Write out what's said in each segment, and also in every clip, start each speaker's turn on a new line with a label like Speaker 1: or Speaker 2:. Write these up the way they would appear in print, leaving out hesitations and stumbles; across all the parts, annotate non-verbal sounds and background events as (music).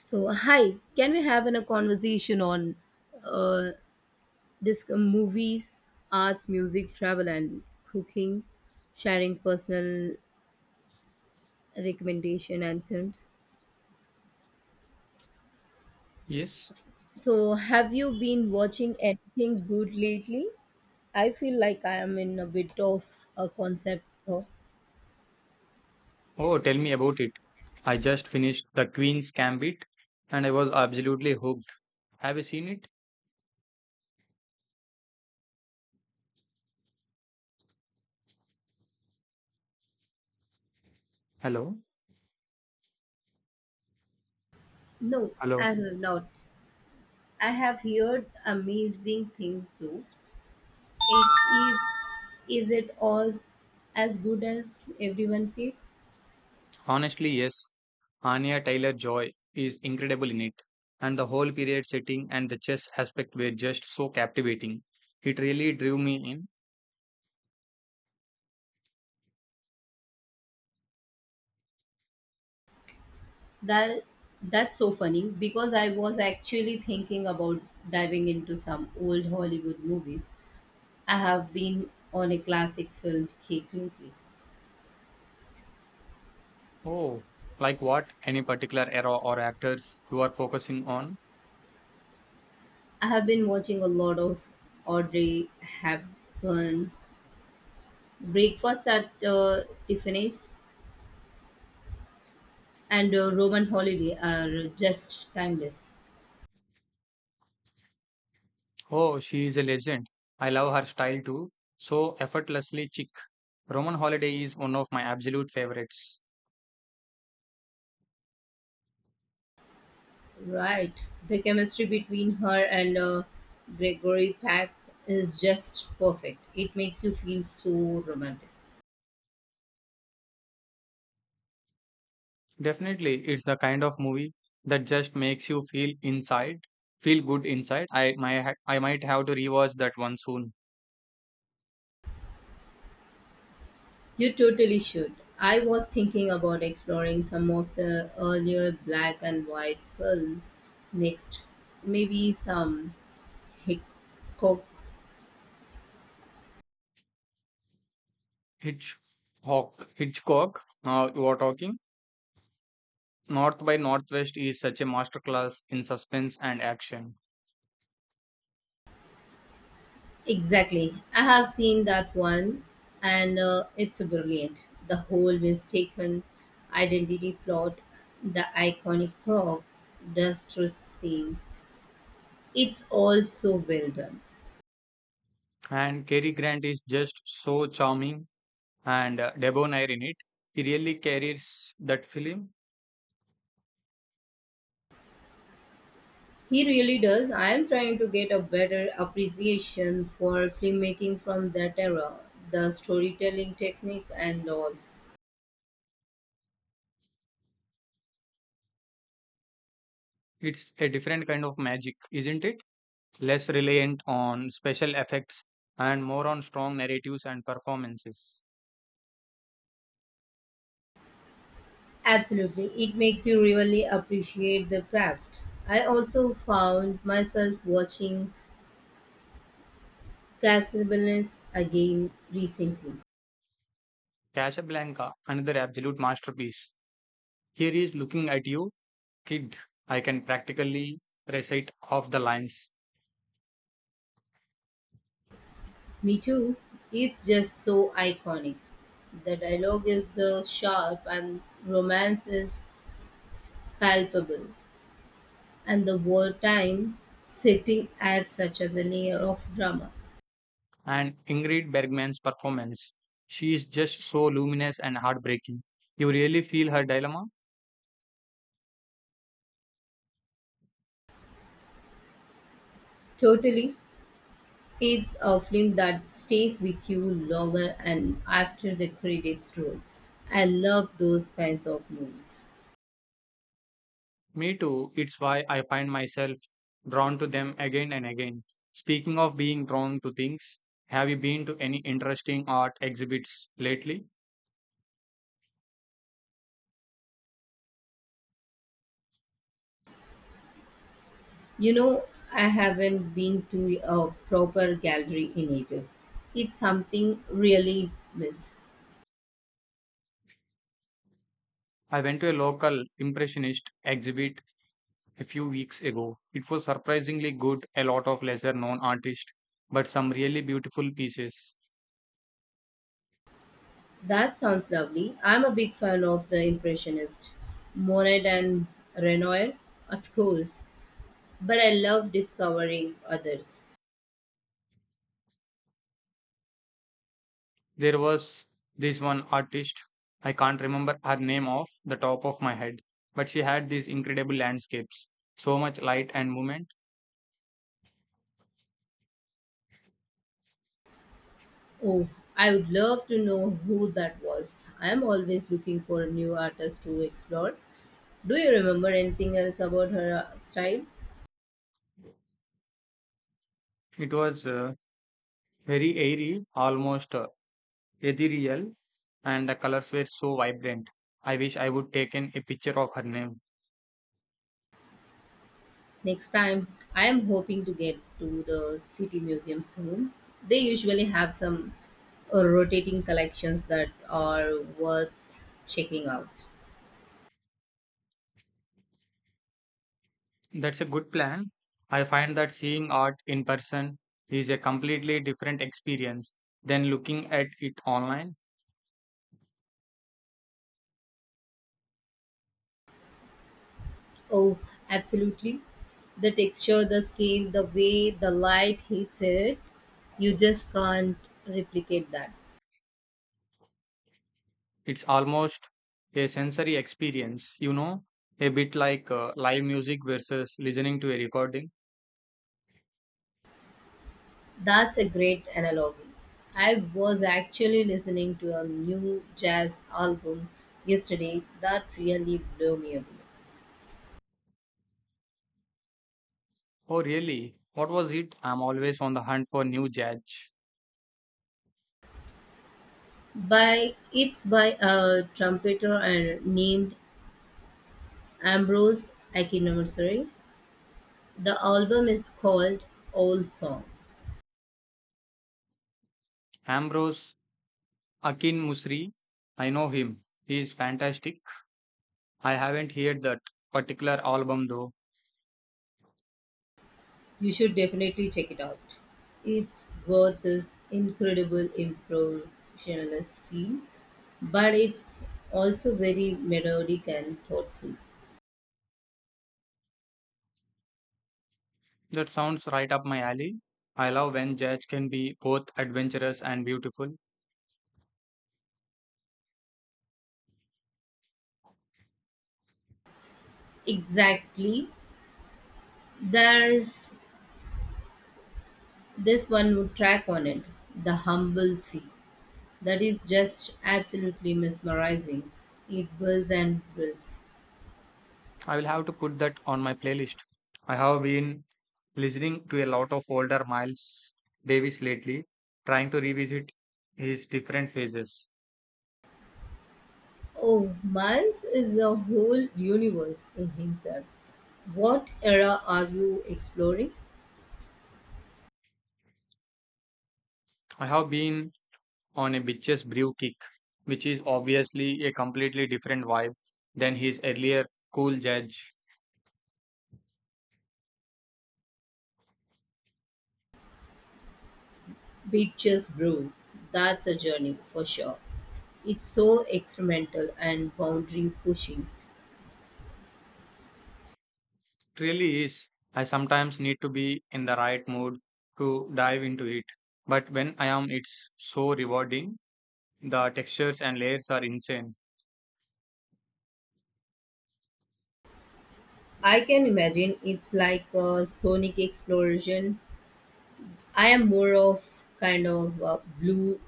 Speaker 1: So, hi, can we have a conversation on uh, this movies, arts, music, travel, and cooking, sharing personal recommendation and so.
Speaker 2: Yes.
Speaker 1: So, have you been watching anything good lately? I feel like I am in a bit of a concept. Of,
Speaker 2: Oh, tell me about it. I just finished The Queen's Gambit and I was absolutely hooked. Have you seen it? Hello?
Speaker 1: no, I
Speaker 2: Hello.
Speaker 1: have not. I have heard amazing things though. It is it all as good as everyone says?
Speaker 2: Honestly, yes. Anya Taylor-Joy is incredible in it. And the whole period setting and the chess aspect were just so captivating. It really drew me in.
Speaker 1: That that's so funny because I was actually thinking about diving into some old Hollywood movies. I have been on a classic film kick lately.
Speaker 2: Oh, like what? Any particular era or actors you are focusing on?
Speaker 1: I have been watching a lot of Audrey Hepburn, Breakfast at Tiffany's, and Roman Holiday are just timeless.
Speaker 2: Oh, she is a legend. I love her style too. So effortlessly chic. Roman Holiday is one of my absolute favorites.
Speaker 1: Right, the chemistry between her and Gregory Peck is just perfect. It makes you feel so romantic.
Speaker 2: Definitely, it's the kind of movie that just makes you feel inside, feel good inside. I might have to rewatch that one soon.
Speaker 1: You totally should. I was thinking about exploring some of the earlier black and white film next. Maybe some Hitchcock.
Speaker 2: Hitchcock, Hitchcock. You are talking. North by Northwest is such a masterclass in suspense and action,
Speaker 1: Exactly. I have seen that one and it's brilliant. The whole mistaken identity plot, the iconic crop, distress scene. It's all so well done.
Speaker 2: and Cary Grant is just so charming and debonair in it. He really carries that film.
Speaker 1: He really does. I am trying to get a better appreciation for filmmaking from that era, the storytelling technique and all.
Speaker 2: It's a different kind of magic, isn't it? Less reliant on special effects and more on strong narratives and performances.
Speaker 1: Absolutely. It makes you really appreciate the craft. I also found myself watching Casablanca again recently.
Speaker 2: Casablanca, another absolute masterpiece. Here is looking at you, kid. I can practically recite off the lines.
Speaker 1: Me too. It's just so iconic. The dialogue is sharp and romance is palpable, and the wartime setting adds such as a layer of drama.
Speaker 2: And Ingrid Bergman's performance. She is just so luminous and heartbreaking. You really feel her dilemma?
Speaker 1: Totally, it's a film that stays with you longer and after the credits roll. I love those kinds of movies.
Speaker 2: Me too. It's why I find myself drawn to them again and again. Speaking of being drawn to things, have you been to any interesting art exhibits lately?
Speaker 1: You know, I haven't been to a proper gallery in ages. It's something really miss.
Speaker 2: I went to a local impressionist exhibit a few weeks ago. It was surprisingly good, a lot of lesser known artists, but some really beautiful pieces.
Speaker 1: That sounds lovely. I'm a big fan of the Impressionist, Monet and Renoir, of course, but I love discovering others.
Speaker 2: There was this one artist, I can't remember her name off the top of my head, but she had these incredible landscapes, so much light and movement.
Speaker 1: Oh, I would love to know who that was. I am always looking for a new artists to explore. Do you remember anything else about her style?
Speaker 2: It was very airy, almost ethereal, and the colors were so vibrant. I wish I would taken a picture of her name.
Speaker 1: Next time, I am hoping to get to the City Museum soon. They usually have some rotating collections that are worth checking out.
Speaker 2: That's a good plan. I find that seeing art in person is a completely different experience than looking at it online.
Speaker 1: Oh, absolutely. The texture, the scale, the way the light hits it, you just can't replicate that.
Speaker 2: It's almost a sensory experience, you know, a bit like live music versus listening to a recording.
Speaker 1: That's a great analogy. I was actually listening to a new jazz album yesterday that really blew me away.
Speaker 2: Oh, really? What was it? I'm always on the hunt for new judge.
Speaker 1: By it's by a trumpeter and named Ambrose Akinamsari. The album is called Old Song.
Speaker 2: Ambrose Akin Musri. I know him. He is fantastic. I haven't heard that particular album though.
Speaker 1: You should definitely check it out. It's got this incredible impressionist feel, but it's also very melodic and thoughtful.
Speaker 2: That sounds right up my alley. I love when jazz can be both adventurous and beautiful.
Speaker 1: Exactly. There's this one wood track on it, The Humble Sea, that is just absolutely mesmerizing. It builds and builds.
Speaker 2: I will have to put that on my playlist. I have been listening to a lot of older Miles Davis lately, trying to revisit his different phases.
Speaker 1: Oh, Miles is a whole universe in himself. What era are you exploring?
Speaker 2: I have been on a bitches brew kick, which is obviously a completely different vibe than his earlier cool jazz.
Speaker 1: Beaches Brew. That's a journey for sure. It's so experimental and boundary pushing.
Speaker 2: It really is. I sometimes need to be in the right mood to dive into it. But when I am, it's so rewarding. The textures and layers are insane.
Speaker 1: I can imagine it's like a sonic explosion. I am more of kind of a blue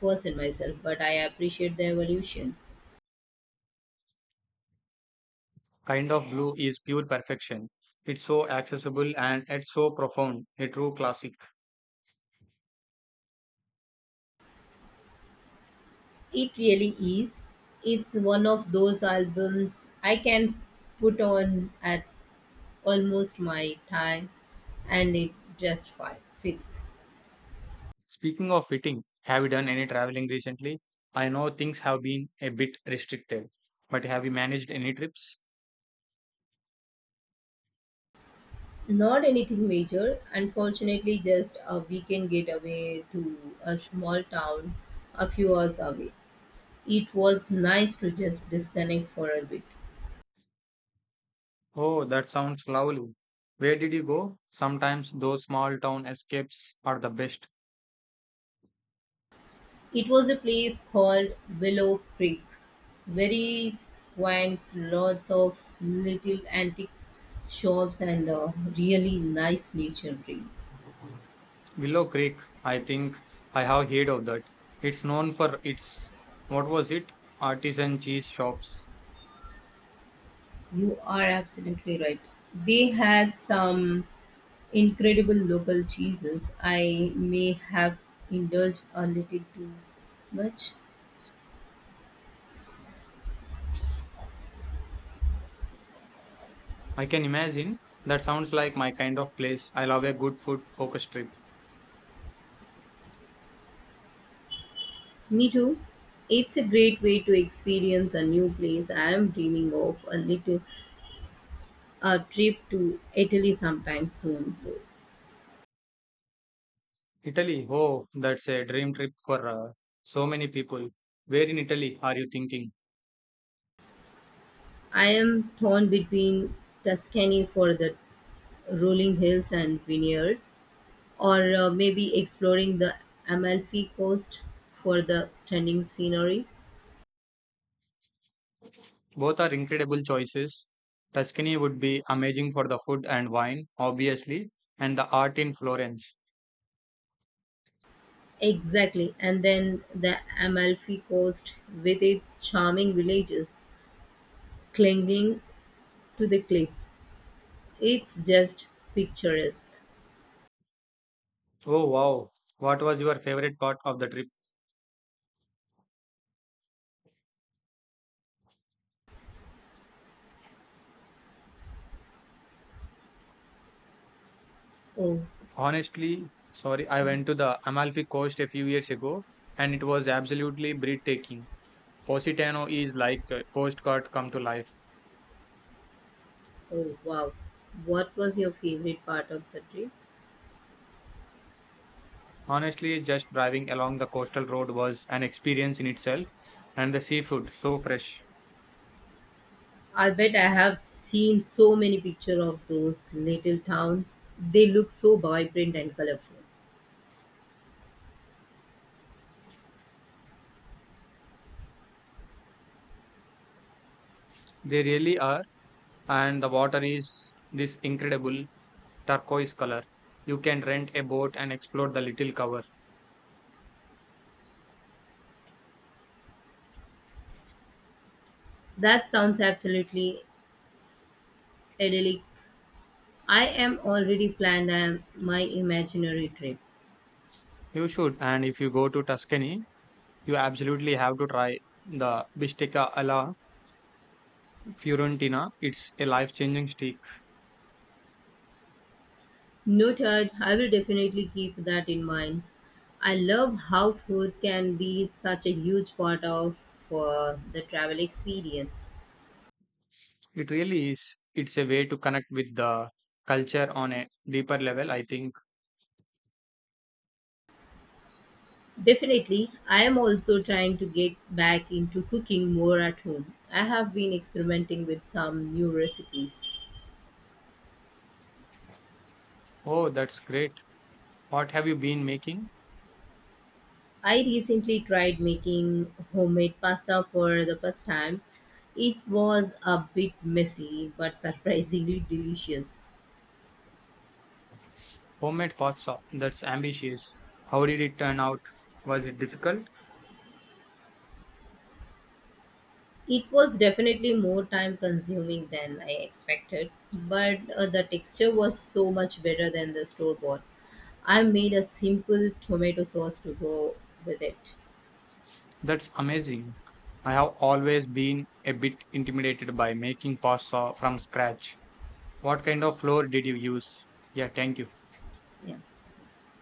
Speaker 1: person myself, but I appreciate the evolution.
Speaker 2: Kind of blue is pure perfection. It's so accessible and it's so profound, a true classic.
Speaker 1: It really is. It's one of those albums I can put on at almost my time and it just fits.
Speaker 2: Speaking of fitting, have you done any traveling recently? I know things have been a bit restricted, but have you managed any trips?
Speaker 1: Not anything major, unfortunately, just a weekend getaway to a small town a few hours away. It was nice to just disconnect for a bit.
Speaker 2: Oh, that sounds lovely. Where did you go? Sometimes those small town escapes are the best.
Speaker 1: It was a place called Willow Creek, very quaint, lots of little antique shops and really nice scenery.
Speaker 2: Willow Creek, I think I have heard of that. It's known for its, what was it? Artisan cheese shops.
Speaker 1: You are absolutely right. They had some incredible local cheeses. I may have indulged a little too much.
Speaker 2: I can imagine. That sounds like my kind of place. I love a good food focused trip.
Speaker 1: Me too. It's a great way to experience a new place. I am dreaming of a little a trip to Italy sometime soon though.
Speaker 2: Italy, oh, that's a dream trip for so many people. Where in Italy are you thinking?
Speaker 1: I am torn between Tuscany for the rolling hills and vineyard, or maybe exploring the Amalfi Coast for the stunning scenery.
Speaker 2: Both are incredible choices. Tuscany would be amazing for the food and wine, obviously, and the art in Florence.
Speaker 1: Exactly, and then the Amalfi Coast with its charming villages clinging to the cliffs. It's just picturesque.
Speaker 2: Oh, wow. What was your favorite part of the trip?
Speaker 1: Oh,
Speaker 2: Honestly, sorry, I went to the Amalfi Coast a few years ago and it was absolutely breathtaking. Positano is like a Coast Guard come to life.
Speaker 1: oh, wow. What was your favorite part of the trip?
Speaker 2: Honestly, just driving along the coastal road was an experience in itself, and the seafood so fresh.
Speaker 1: I bet I have seen so many pictures of those little towns. They look so vibrant and colorful.
Speaker 2: They really are, and the water is this incredible turquoise color. You can rent a boat and explore the little cover.
Speaker 1: That sounds absolutely idyllic. I am already planned my imaginary trip.
Speaker 2: You should, and if you go to Tuscany, you absolutely have to try the bistecca alla Fiorentina, it's a life changing streak.
Speaker 1: Noted, I will definitely keep that in mind. I love how food can be such a huge part of the travel experience.
Speaker 2: It really is. It's a way to connect with the culture on a deeper level, I think.
Speaker 1: Definitely, I am also trying to get back into cooking more at home. I have been experimenting with some new recipes.
Speaker 2: Oh, that's great. What have you been making?
Speaker 1: I recently tried making homemade pasta for the first time. It was a bit messy but (laughs) surprisingly delicious.
Speaker 2: Homemade pasta. That's ambitious. How did it turn out? Was it difficult?
Speaker 1: It was definitely more time consuming than I expected, but the texture was so much better than the store bought. I made a simple tomato sauce to go with it.
Speaker 2: That's amazing. I have always been a bit intimidated by making pasta from scratch. What kind of flour did you use? Yeah, thank you.
Speaker 1: Yeah.